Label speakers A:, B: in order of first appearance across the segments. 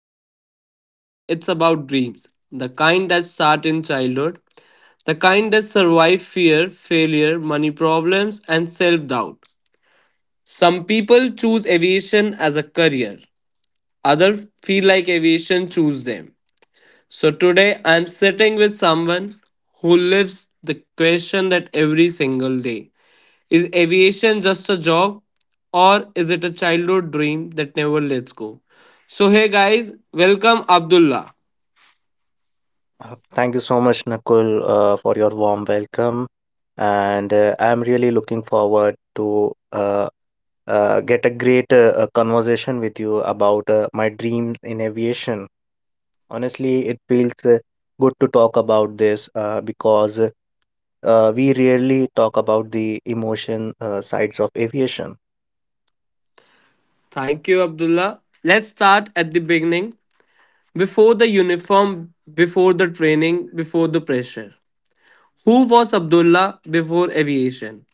A: about aviation, it's about dreams. The kind that start in childhood, the kind that survive fear, failure, money problems and self-doubt. Some people choose aviation as a career, others feel like aviation choose them. So today I'm sitting with someone who lives the question that every single day is aviation just a job or is it a childhood dream that never lets go? So hey guys, welcome Abdullah.
B: Thank you so much, Nakul, for your warm welcome. And I'm really looking forward to get a great conversation with you about my dreams in aviation. Honestly, it feels good to talk about this because we rarely talk about the emotion sides of aviation.
A: Thank you Abdullah. Let's start at the beginning before the uniform, before the training, before the pressure. Who was Abdullah before aviation?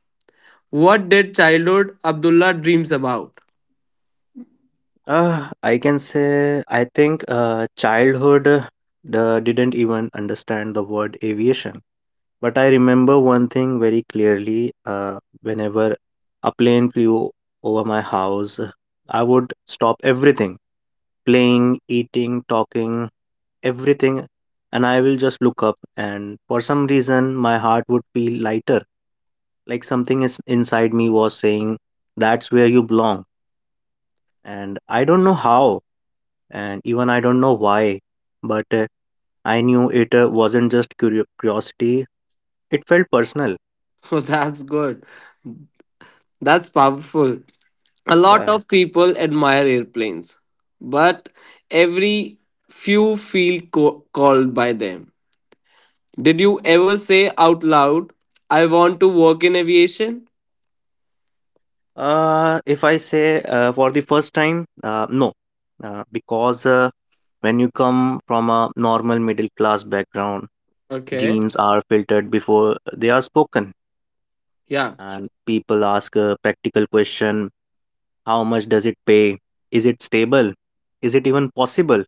A: What did childhood Abdullah dreams about?
B: I can say I think childhood didn't even understand the word aviation. But I remember one thing very clearly, whenever a plane flew over my house, I would stop everything, playing, eating, talking, everything, and I will just look up. And for some reason, my heart would feel lighter, like something is inside me was saying, "That's where you belong." And I don't know how, and even I don't know why, but I knew it wasn't just curiosity, it felt personal.
A: So that's good. That's powerful. A lot
B: Yeah.
A: of people admire airplanes, but every few feel called by them. Did you ever say out loud, I want to work in aviation?
B: If I say, for the first time, no, because when you come from a normal middle class background,
A: Okay.
B: dreams are filtered before they are spoken,
A: Yeah. sh-
B: and people ask a practical question: how much does it pay? Is it stable? Is it even possible?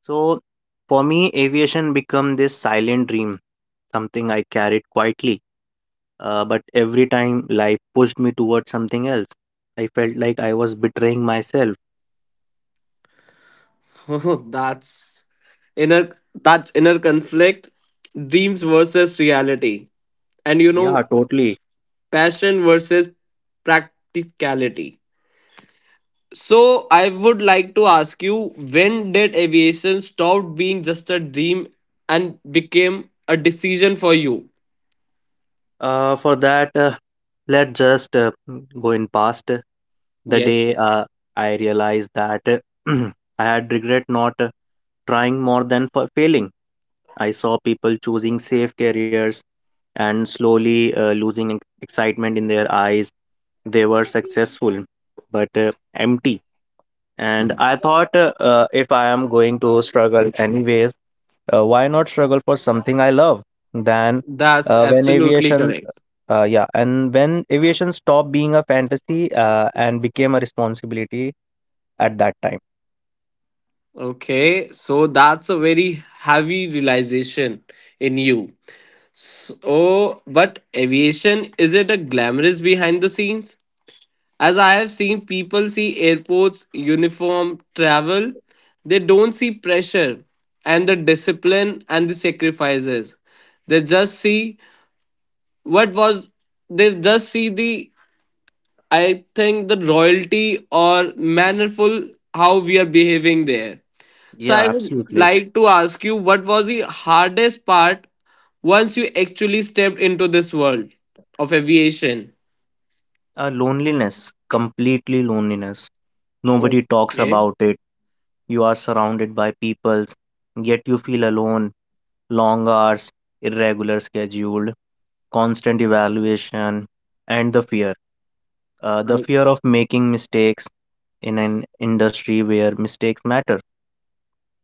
B: So, for me, aviation become this silent dream, something I carried quietly. But every time life pushed me towards something else, I felt like I was betraying myself.
A: Oh, inner that's inner conflict, dreams versus reality. And you know,
B: Yeah, totally.
A: passion versus practicality. So I would like to ask you, when did aviation stop being just a dream and became a decision for you?
B: For that, let's just go in past. The
A: Yes,
B: day I realized that I had regret not trying more than for failing. I saw people choosing safe careers and slowly losing excitement in their eyes. They were successful, but empty. And I thought, if I am going to struggle anyways, why not struggle for something I love? Then,
A: that's
B: uh, when
A: absolutely
B: aviation,
A: correct.
B: yeah, and when aviation stopped being a fantasy and became a responsibility at that time.
A: Okay, so that's a very heavy realization in you. So, but aviation is it a glamorous behind the scenes? As I have seen people see airports, uniform, travel, they don't see pressure and the discipline and the sacrifices. They just see what was, they just see I think, the royalty or mannerful how we are behaving there. So
B: Yeah,
A: I would
B: absolutely.
A: like to ask you what was the hardest part once you actually stepped into this world of aviation?
B: Loneliness, completely loneliness. Nobody talks
A: Okay,
B: about it. You are surrounded by peoples, yet you feel alone. Long hours, irregular schedule, constant evaluation, and the fear. The
A: I
B: fear of making mistakes in an industry where mistakes matter.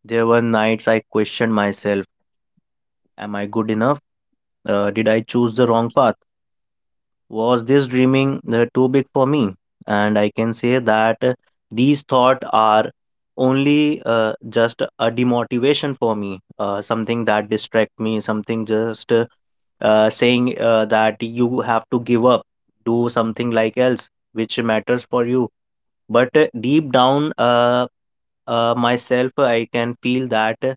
B: There were nights I questioned myself. Am I good enough? Did I choose the wrong path? Was this dreaming too big for me? And I can say that these thoughts are only just a demotivation for me, something that distract me, something just saying that you have to give up, do something like else, which matters for you. But deep down, myself, I can feel that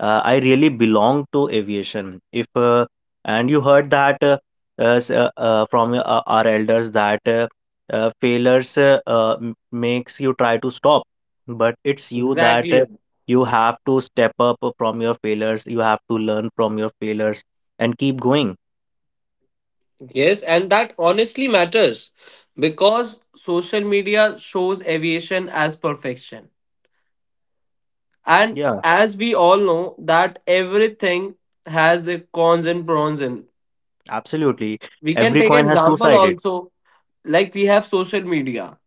B: I really belong to aviation. If and you heard that from our elders that failures makes you try to stop, but it's you that
A: exactly.
B: you have to step up from your failures. You have to learn from your failures and keep going.
A: Yes, and that honestly matters because social media shows aviation as perfection. And
B: Yeah,
A: as we all know that everything has a cons and pros in.
B: absolutely.
A: We can
B: Every
A: take
B: coin has two
A: example
B: sided.
A: also like we have social media.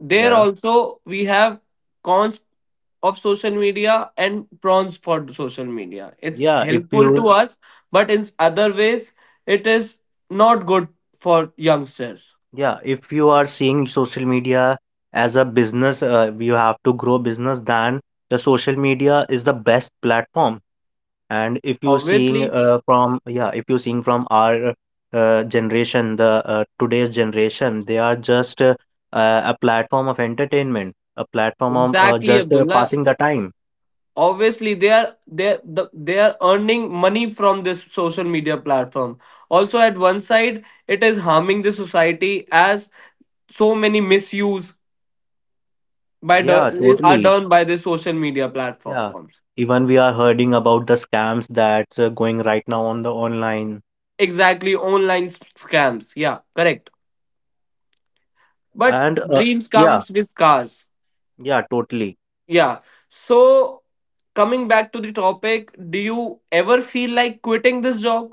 A: There
B: Yeah,
A: also we have cons of social media and pros for social media. It's
B: yeah. If
A: helpful to
B: you
A: us, but in other ways it is not good for youngsters.
B: Yeah, if you are seeing social media as a business, you have to grow business, then the social media is the best platform. And if you seeing
A: Obviously.
B: from Yeah, if you seeing from our generation, the today's generation, they are just a platform of entertainment, a platform of
A: Exactly,
B: just
A: Abdullah.
B: passing the time.
A: Obviously, they are earning money from this social media platform. Also, at one side, it is harming the society as so many misuse
B: Yeah,
A: are
B: totally.
A: done by the social media
B: Yeah,
A: platforms.
B: even we are hearing about the scams that's going right now on the online,
A: Exactly, online scams. Yeah, correct. But
B: and
A: dreams
B: yeah,
A: comes with scars.
B: yeah, totally.
A: Yeah. So, coming back to the topic, do you ever feel like quitting this job?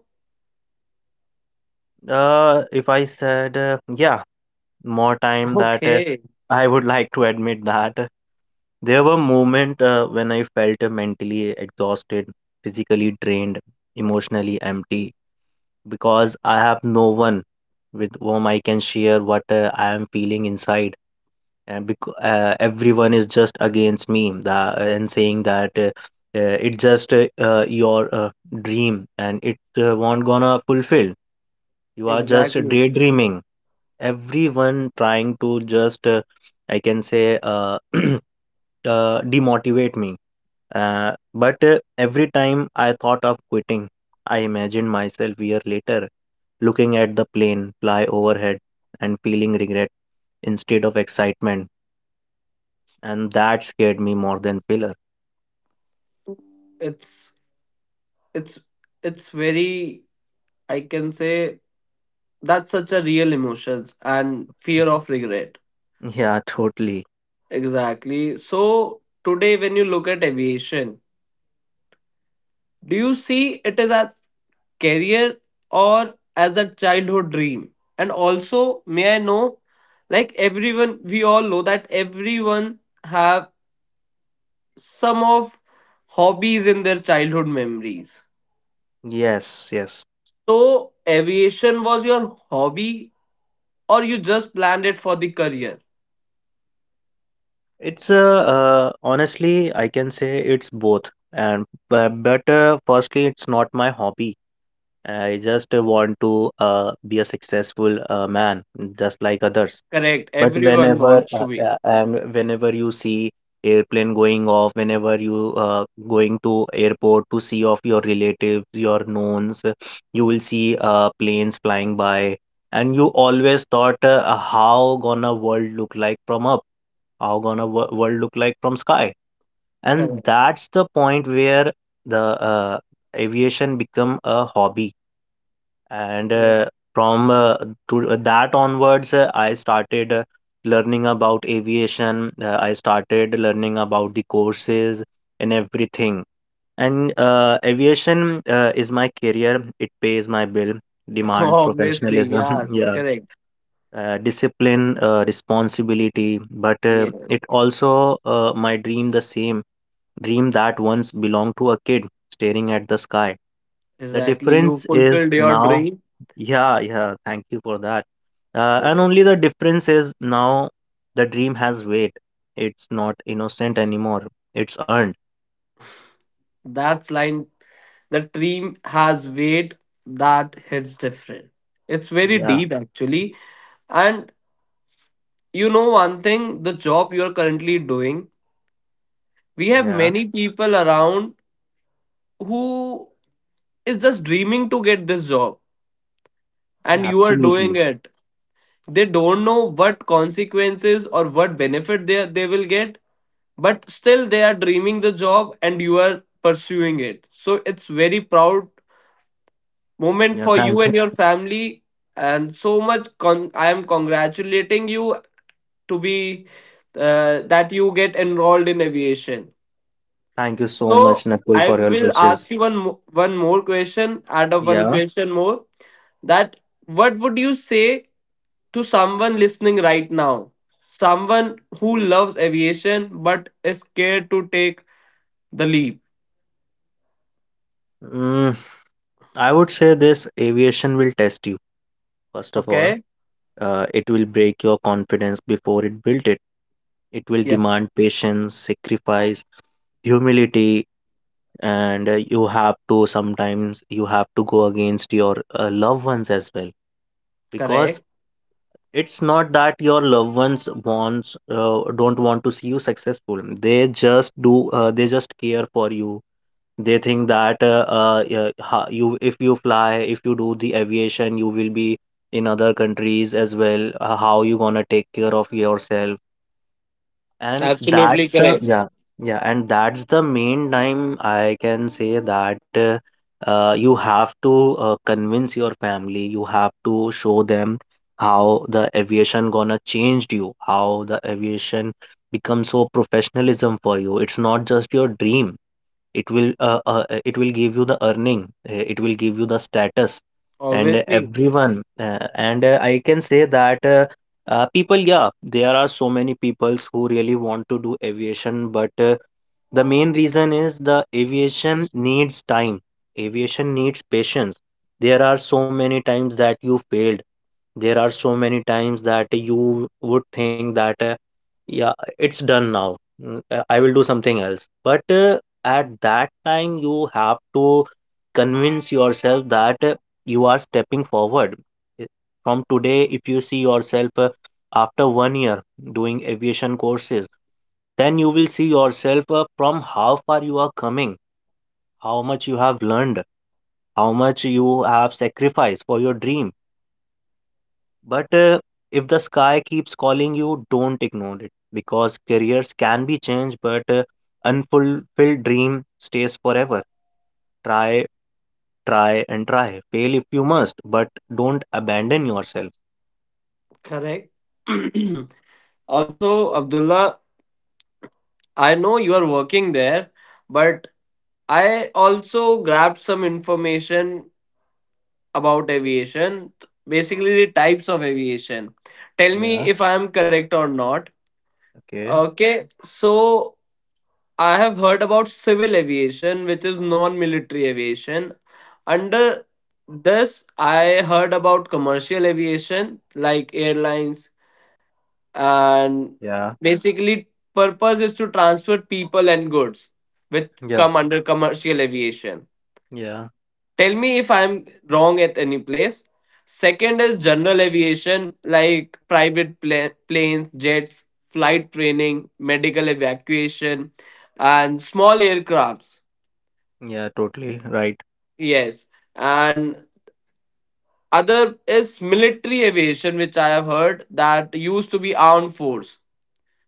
B: If I said, yeah, more time that
A: Okay,
B: I would like to admit that there were moments when I felt mentally exhausted, physically drained, emotionally empty, because I have no one with whom I can share what I am feeling inside. And because everyone is just against me that, and saying that it's just your dream and it won't gonna fulfill. You are just
A: exactly.
B: daydreaming. Everyone trying to just I can say, demotivate me. But every time I thought of quitting, I imagined myself year later looking at the plane fly overhead and feeling regret instead of excitement, and that scared me more than failure.
A: It's it's it's very I can say that's such a real emotions and fear of regret.
B: Yeah, totally.
A: Exactly. So today when you look at aviation, do you see it as a career or as a childhood dream? And also may I know like everyone we all know that everyone have some of hobbies in their childhood memories.
B: Yes, yes.
A: So aviation was your hobby or you just planned it for the career.
B: It's honestly, I can say it's both. But firstly, it's not my hobby. I just want to be a successful man, just like others.
A: Correct.
B: But
A: Everyone
B: whenever
A: wants to be.
B: and whenever you see airplane going off, whenever you going to airport to see of your relatives, your knowns, you will see planes flying by, and you always thought how gonna world look like from up, world look like from sky, and
A: Correct.
B: that's the point where the aviation become a hobby, and
A: Yeah.
B: from to that onwards I started learning about aviation. I started learning about the courses and everything, and aviation is my career. It pays my bill, demand
A: Obviously. Yeah.
B: professionalism. Yeah.
A: Correct.
B: Discipline responsibility, but
A: Yeah.
B: it also my dream, the same dream that once belonged to a kid staring at the sky. The
A: Exactly. You
B: difference is
A: fulfilled your
B: now,
A: dream.
B: yeah, yeah, thank you for that. And
A: Correct.
B: only the difference is now, the dream has weight. It's not innocent anymore. It's earned.
A: That's line. The dream has weight that hits different. It's very
B: Yeah,
A: deep actually. And you know one thing, the job you are currently doing, we have
B: yeah,
A: many people around who is just dreaming to get this job and
B: yeah,
A: you are doing
B: absolutely.
A: it, they don't know what consequences or what benefit they will get but still they are dreaming the job and you are pursuing it, so it's very proud moment
B: Yeah,
A: for you
B: thank,
A: and your family and so much I am congratulating you to be that you get enrolled in aviation.
B: thank you so
A: So
B: much, Nakul,
A: I
B: for your
A: will ask
B: wishes.
A: you one more question, add up one
B: Yeah.
A: question more, that what would you say to someone listening right now, someone who loves aviation but is scared to take the leap.
B: Mm. I would say this aviation will test you, first of all.
A: Okay?
B: It will break your confidence before it built it. It will
A: Yeah,
B: demand patience, sacrifice, humility, and you have to sometimes you have to go against your loved ones as well, because
A: correct.
B: it's not that your loved ones wants, don't want to see you successful. They just care for you. They think that yeah, you if you fly, if you do the aviation, you will be in other countries as well. How you gonna take care of yourself? And
A: Absolutely
B: that's the
A: correct.
B: yeah Yeah, and that's the main time I can say that you have to convince your family. You have to show them how the aviation gonna changed you, how the aviation become so professionalism for you. It's not just your dream. It will give you the earning. It will give you the status, and
A: Obviously,
B: everyone and I can say that people, yeah, there are so many peoples who really want to do aviation, but the main reason is the aviation needs time, aviation needs patience. There are so many times that you failed. There are so many times that you would think that yeah, it's done now. I will do something else, but at that time you have to convince yourself that you are stepping forward. I- from today, if you see yourself after one year doing aviation courses, then you will see yourself from how far you are coming, how much you have learned, how much you have sacrificed for your dream. But if the sky keeps calling, you don't ignore it because careers can be changed, but unfulfilled dream stays forever. Try, try, and try. Fail if you must, but don't abandon yourself.
A: correct. Also, Abdullah, I know you are working there, but I also grabbed some information about aviation, basically the types of aviation. Tell me
B: Yeah.
A: if I am correct or not.
B: Okay.
A: Okay, so I have heard about civil aviation, which is non military aviation. Under this, I heard about commercial aviation, like airlines, and
B: Yeah.
A: basically, purpose is to transport people and goods, which
B: Yeah.
A: come under commercial aviation.
B: Yeah.
A: Tell me if I'm wrong at any place. Second is general aviation, like private planes, jets, flight training, medical evacuation, and small aircrafts.
B: Yeah. Totally right.
A: Yes, and other is military aviation, which I have heard that used to be armed force,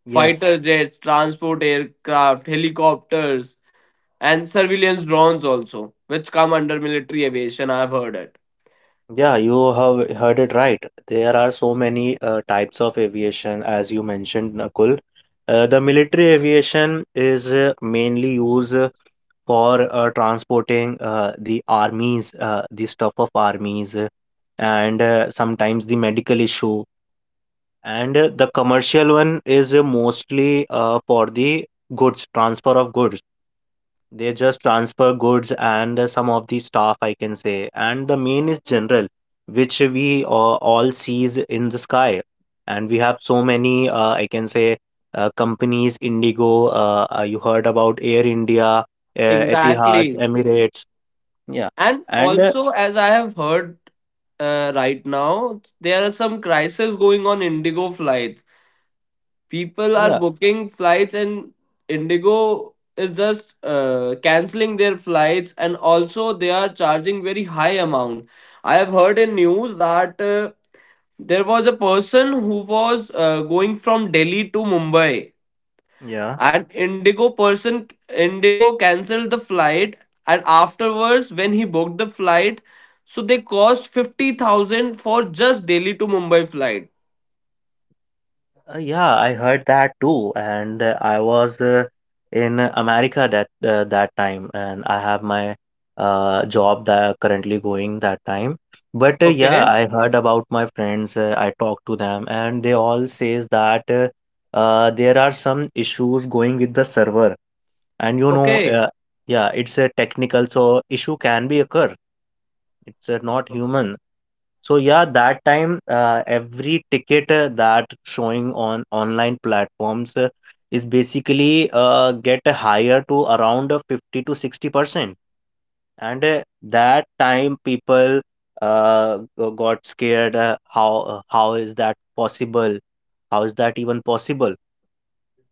B: Yes.
A: fighter jets, transport aircraft, helicopters, and surveillance drones also, which come under military aviation. I have heard it.
B: Yeah, you have heard it right. There are so many types of aviation, as you mentioned, Nakul. The military aviation is mainly used for transporting the armies, the stuff of armies, and sometimes the medical issue. And the commercial one is mostly for the goods, transfer of goods. They just transfer goods and some of the staff, I can say. And the main is general, which we all sees in the sky. And we have so many, I can say, companies, Indigo, you heard about Air India, Etihad,
A: Exactly,
B: Emirates. Yeah.
A: and
B: And
A: also as I have heard, right now, there are some crises going on Indigo flight, people are
B: yeah,
A: booking flights and indigo is just canceling their flights and also they are charging very high amount. I have heard in news that there was a person who was going from delhi to mumbai
B: yeah.
A: and indigo canceled the flight and afterwards when he booked the flight, so they cost 50,000 for just delhi to mumbai flight.
B: Yeah, I heard that too, and I was in America that time, and I have my job that currently going that time. But yeah,
A: Okay.
B: I heard about my friends. I talked to them, and they all says that there are some issues going with the server, and you know,
A: Okay.
B: uh, yeah, it's a technical, so issue can be occur. It's not human, so yeah, that time every ticket that showing on online platforms is basically get higher to around 50 to 60%. And that time people got scared. How is that possible? How is that even possible?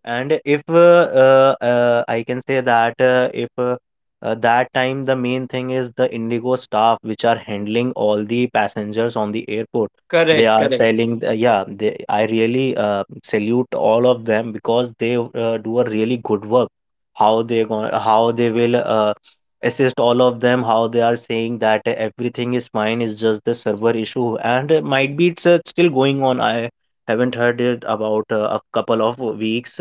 B: And if I can say that, if that time the main thing is the Indigo staff which are handling all the passengers on the airport. They
A: Correct,
B: are
A: correct.
B: telling, yeah, they, I really salute all of them because they do a really good work. How they going, how they will assist all of them. How they are saying that everything is fine, is just the server issue, and might be it's still going on. I haven't heard it about a couple of weeks,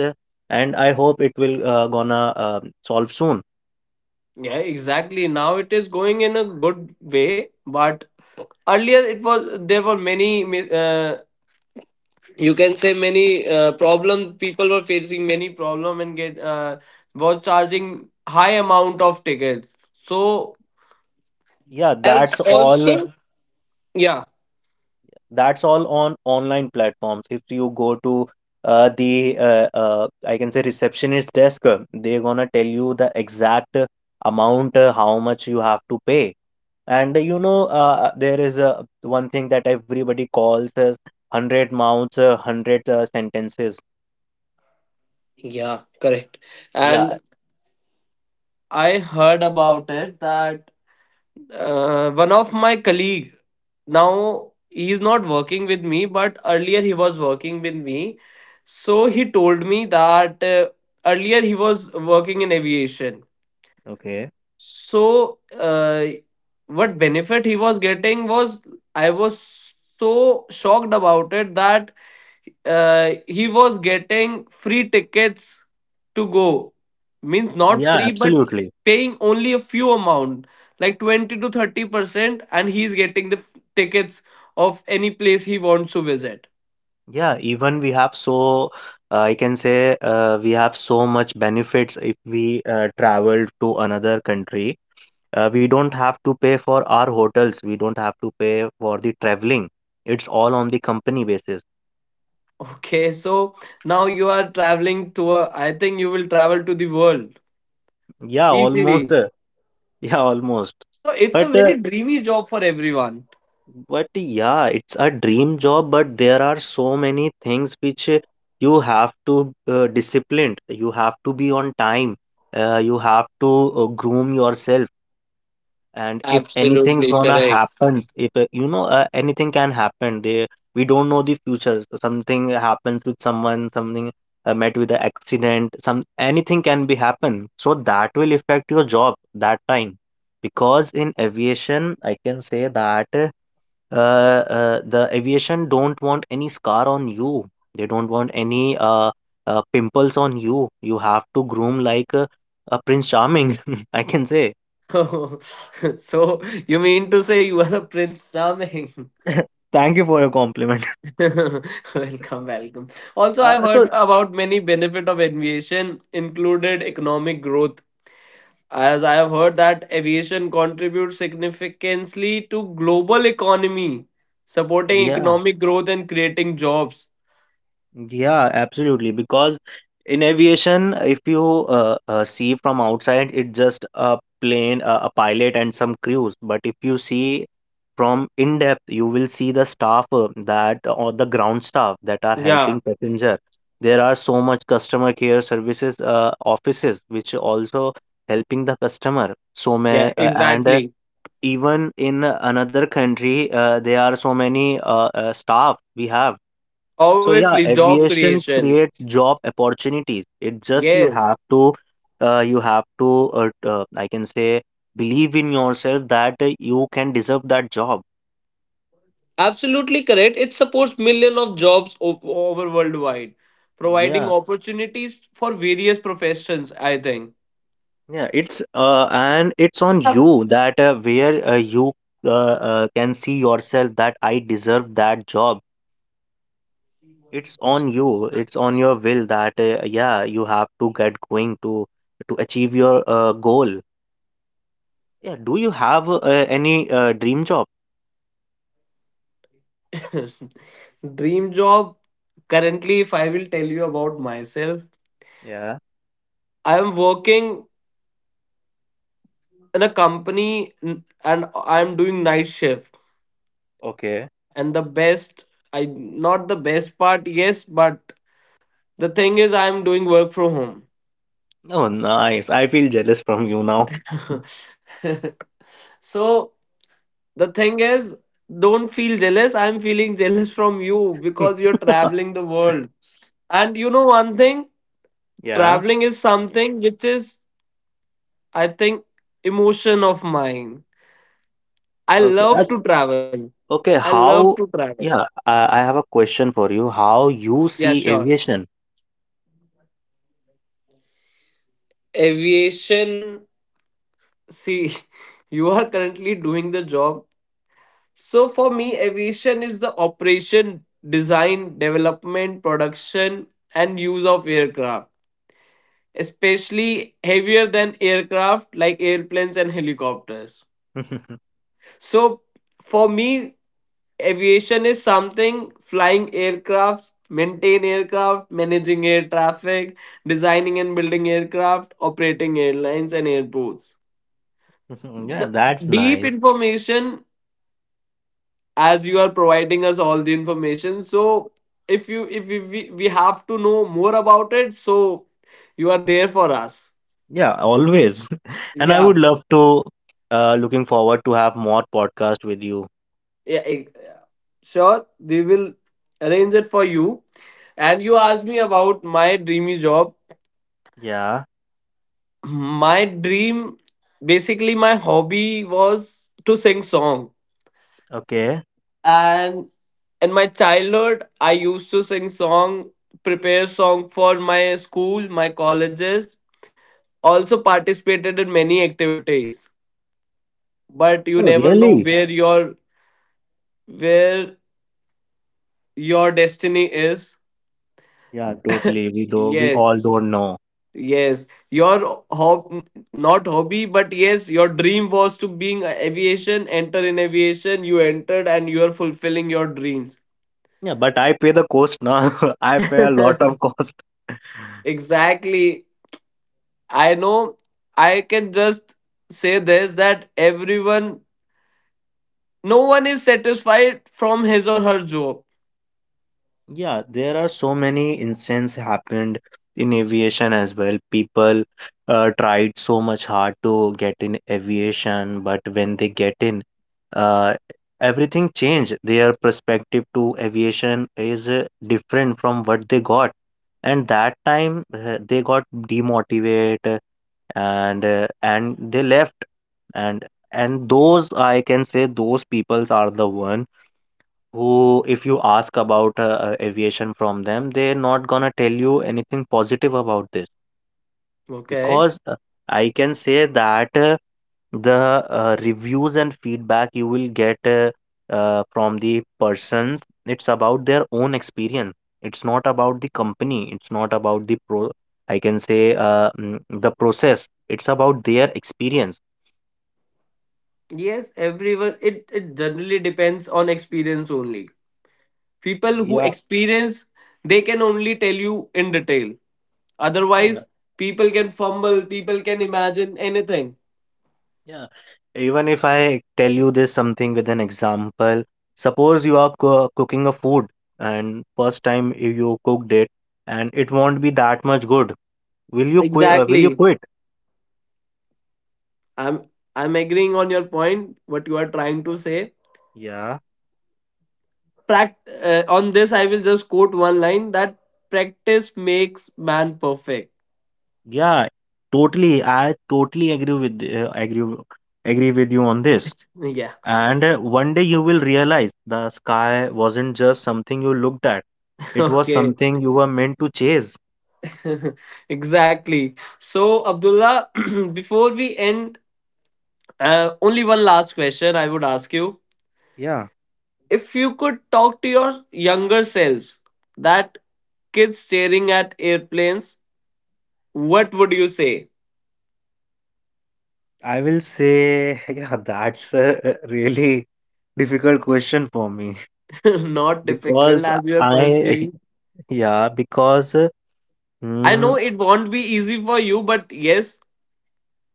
B: and I hope it will gonna solve soon.
A: Yeah, exactly. Now it is going in a good way, but earlier it was, there were many you can say many problem, people were facing many problem and get was charging high amount of tickets. So
B: Yeah,
A: else
B: that's all.
A: also, yeah
B: That's all on online platforms. If you go to the I can say receptionist desk, they're gonna tell you the exact amount, how much you have to pay. And you know, there is a one thing that everybody calls as 100 mouths, 100 sentences.
A: yeah correct.
B: Yeah.
A: And I heard about it that one of my colleague, now he is not working with me but earlier he was working with me, so he told me that earlier he was working in aviation.
B: Okay.
A: So uh, what benefit he was getting was, I was so shocked about it that he was getting free tickets to go, means not
B: Yeah,
A: free but
B: absolutely.
A: paying only a few amount like 20 to 30%, and he's getting the tickets of any place he wants to visit.
B: Yeah, even we have so, I can say, we have so much benefits if we travel to another country. We don't have to pay for our hotels. We don't have to pay for the traveling. It's all on the company basis.
A: Okay, so now you are traveling to a, I think you will travel to the world
B: Yeah, almost.
A: easily,
B: Uh, yeah, almost.
A: so it's a
B: But uh,
A: very dreamy job for everyone.
B: but yeah, it's a dream job. But there are so many things which you have to disciplined. You have to be on time. You have to groom yourself. And if anything's
A: Absolutely
B: gonna
A: correct.
B: happens, if you know, anything can happen, they, we don't know the future. So something happens with someone, something met with an accident, some, anything can be happen, so that will affect your job that time. Because in aviation, I can say that the aviation don't want any scar on you. They don't want any pimples on you. You have to groom like a prince charming, I can say.
A: So you mean to say you are a prince charming?
B: Thank you for your compliment.
A: Welcome, welcome. Also, I've
B: Uh,
A: heard
B: so
A: about many benefit of aviation, included economic growth. As I have heard that aviation contributes significantly to global economy, supporting
B: yeah,
A: economic growth and creating jobs.
B: yeah, absolutely. Because in aviation, if you see from outside, it's just a plane, a pilot, and some crews. But if you see from in depth, you will see the staff that or the ground staff that are helping
A: Yeah,
B: passenger. There are so much customer care services offices which also helping the customer. So may
A: yeah,
B: and
A: exactly.
B: even in another country, there are so many staff we have. So yeah,
A: Obviously, job
B: aviation
A: creation.
B: creates job opportunities. It just
A: Yes.
B: you have to, I can say, believe in yourself that you can deserve that job.
A: Absolutely correct. It supports millions of jobs over worldwide, providing
B: Yeah,
A: opportunities for various professions, I think.
B: yeah. It's and it's on you that where you can see yourself that I deserve that job. It's on you, it's on your will that, yeah, you have to get going to achieve your goal. Yeah, do you have any dream job?
A: Dream job. Currently, if I will tell you about myself,
B: Yeah.
A: I am working in a company and I am doing night shift.
B: Okay.
A: And the best, I not the best part, yes, but the thing is, I am doing work from
B: Oh, nice, I feel jealous from you now.
A: home. So the thing is, don't feel jealous. I am feeling jealous from you because you're traveling the world. And you know one thing,
B: Yeah.
A: traveling is something which is, I think, emotion of mine. I
B: okay uh,
A: love to travel. I
B: okay,
A: love to
B: how?
A: travel.
B: Yeah, I have a question for you, how you
A: Yeah,
B: see
A: sure.
B: aviation?
A: Aviation, see, you are currently doing the job. So for me, aviation is the operation, design, development, production, and use of aircraft, especially heavier than aircraft like airplanes and helicopters. So for me, aviation is something flying aircrafts, maintain aircraft, managing air traffic, designing and building aircraft, operating airlines and airports.
B: Yeah,
A: The
B: that's
A: deep
B: nice.
A: information as you are providing us all the information. So if you if we have to know more about it, so you are there for us.
B: Yeah, always. And I
A: Yeah.
B: would love to, looking forward to have more podcast with you.
A: yeah, eh, sure we will arrange it for you. And you asked me about my dreamy job.
B: Yeah.
A: My dream, basically my hobby was to sing song,
B: Okay.
A: and in my childhood I used to sing song, prepare song for my school, my colleges, also participated in many activities, but you
B: Oh,
A: never know
B: really?
A: where your destiny is.
B: Yeah, totally. We do. We all
A: Yes.
B: don't know.
A: Yes, your hob not hobby, but yes, your dream was to being aviation. Enter in aviation, you entered, and you are fulfilling your dreams.
B: Yeah, but I pay the cost now. I pay a lot of cost.
A: Exactly. I know. I can just say this that everyone, no one is satisfied from his or her job.
B: Yeah, there are so many incidents happened in aviation as well. People tried so much hard to get in aviation, but when they get in, uh, everything changed. Their perspective to aviation is different from what they got. And that time they got demotivated. And they left. and and those, I can say, those peoples are the one who, if you ask about aviation from them, they're not gonna tell you anything positive about this.
A: Okay.
B: Because I can say that the reviews and feedback you will get from the persons, it's about their own experience. It's not about the company, it's not about the pro, I can say the process. It's about their experience.
A: Yes, everyone. It generally depends on experience only. People who
B: Yeah,
A: experience, they can only tell you in detail.
B: yeah,
A: Otherwise, people can fumble, people can imagine anything.
B: yeah. Even if I tell you this something with an example, suppose you are co cooking a food, and first time you cooked it, and it won't be that much good. Will you quit? Will you
A: Exactly.
B: quit?
A: I'm I'm agreeing on your point, what you are trying to say.
B: Yeah,
A: On this, I will just quote one line that practice makes man perfect.
B: yeah. Totally, I totally agree with agree with you on this.
A: Yeah.
B: And one day you will realize the sky wasn't just something you looked at. It was
A: Okay.
B: something you were meant to chase.
A: Exactly. So, Abdullah, before we end, only one last question I would ask you.
B: Yeah.
A: If you could talk to your younger selves, that kids staring at airplanes, what would you say?
B: I will say, yeah, that's a really difficult question for me.
A: Not difficult
B: because
A: as you are
B: I,
A: pursuing.
B: yeah, because
A: I
B: mm,
A: know it won't be easy for you, but yes,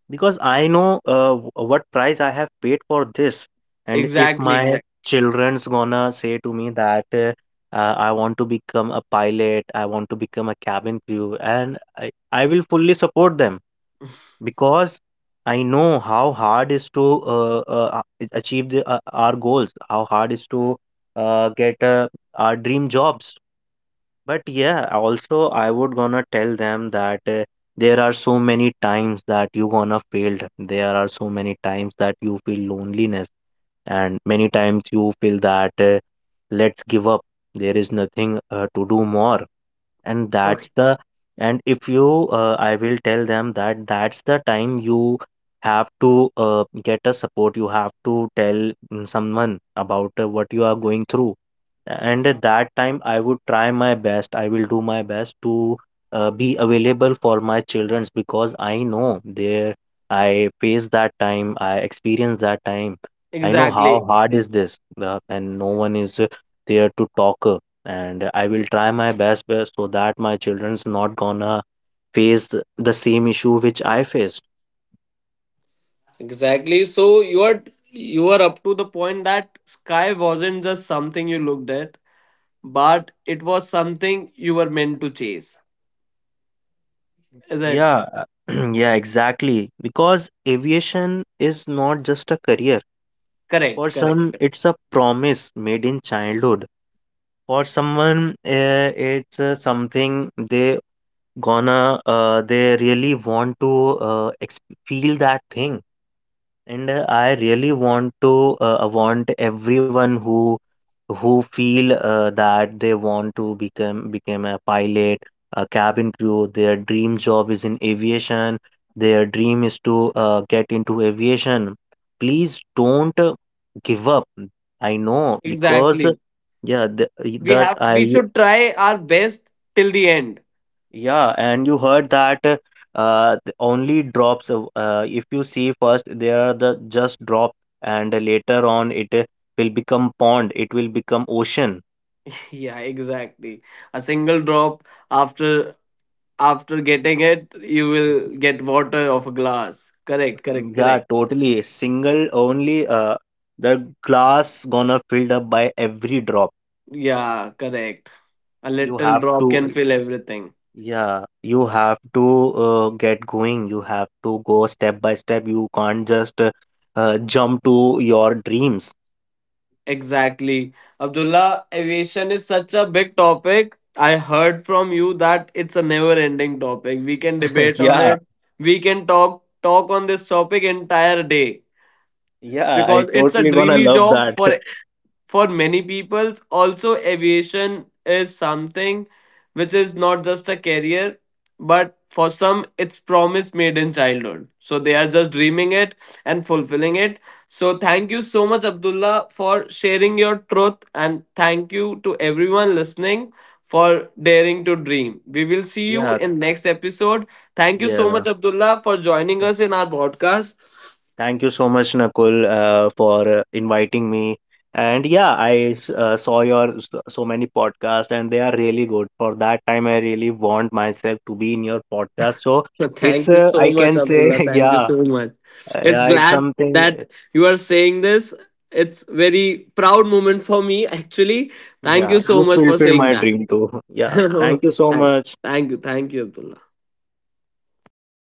B: because I know, what price I have paid for this, and if
A: exactly,
B: my
A: exactly.
B: children's gonna say to me that I want to become a pilot, I want to become a cabin crew, and I will fully support them. Because I know how hard is to achieve the, our goals, how hard is to get our dream jobs. But yeah, also I would gonna tell them that there are so many times that you gonna failed. There are so many times that you feel loneliness, and many times you feel that let's give up. There is nothing to do more, and
A: Okay,
B: that's the, and if you I will tell them that that's the time you have to get a support. You have to tell someone about what you are going through. And at that time, I would try my best. I will do my best to be available for my childrens, because I know there, I face that time, I experience that time. I know how
A: exactly,
B: hard is this, the, and no one is there to talk. And I will try my best so that my children's not gonna face the same issue which I faced.
A: exactly. So you are up to the point that sky wasn't just something you looked at, but it was something you were meant to chase. Is it
B: Yeah, yeah, exactly. Because aviation is not just a career.
A: correct?
B: For
A: Correct,
B: some,
A: correct.
B: it's a promise made in childhood. For someone, it's something they gonna they really want to feel that thing. And I really want to want everyone who feel that they want to become a pilot, a cabin crew. Their dream job is in aviation. Their dream is to get into aviation. Please don't give up. I know, because
A: Exactly.
B: yeah, the,
A: We
B: that
A: have we
B: I,
A: should try our best till the end.
B: yeah, and you heard that the only drops. Of, uh, if you see first, there are the just drop, and later on it will become pond. It will become ocean.
A: Yeah, exactly. A single drop, after after getting it you will get water of a glass, correct correct
B: Yeah,
A: correct.
B: totally. Single only. The glass gonna filled up by every drop.
A: Yeah, correct. A
B: You
A: little
B: have
A: drop can
B: to.
A: fill everything.
B: Yeah, you have to get going. You have to go step by step. You can't just jump to your dreams.
A: Exactly. Abdullah, aviation is such a big topic, I heard from you that it's a never ending topic, we can debate on
B: Yeah.
A: it, we can talk on this topic entire day,
B: Yeah, I
A: because it's a
B: totally gonna
A: dreamy
B: love
A: job
B: that.
A: for many peoples. Also aviation is something which is not just a career, but for some it's promise made in childhood, so they are just dreaming it and fulfilling it. So thank you so much Abdullah for sharing your truth, and thank you to everyone listening for daring to dream. We will see you
B: Yeah,
A: in next episode. Thank you so much
B: yeah.
A: Abdullah for joining
B: Th-
A: us in our podcast.
B: Thank you so much, Nakul, for inviting me. And yeah, saw your so many podcasts, and they are really good. For that time, I really want myself to be in your podcast. So
A: So
B: it's
A: thank you so
B: I
A: much,
B: can say,
A: Abdullah. Thank you
B: yeah,
A: so much. It's
B: yeah, it's
A: glad
B: something.
A: that you are saying this. It's very proud moment for me, actually. Thank you
B: Yeah,
A: so
B: you
A: much for
B: fulfilled
A: saying
B: my
A: that.
B: dream too. Yeah, thank you so
A: thank,
B: much.
A: thank you, Abdullah.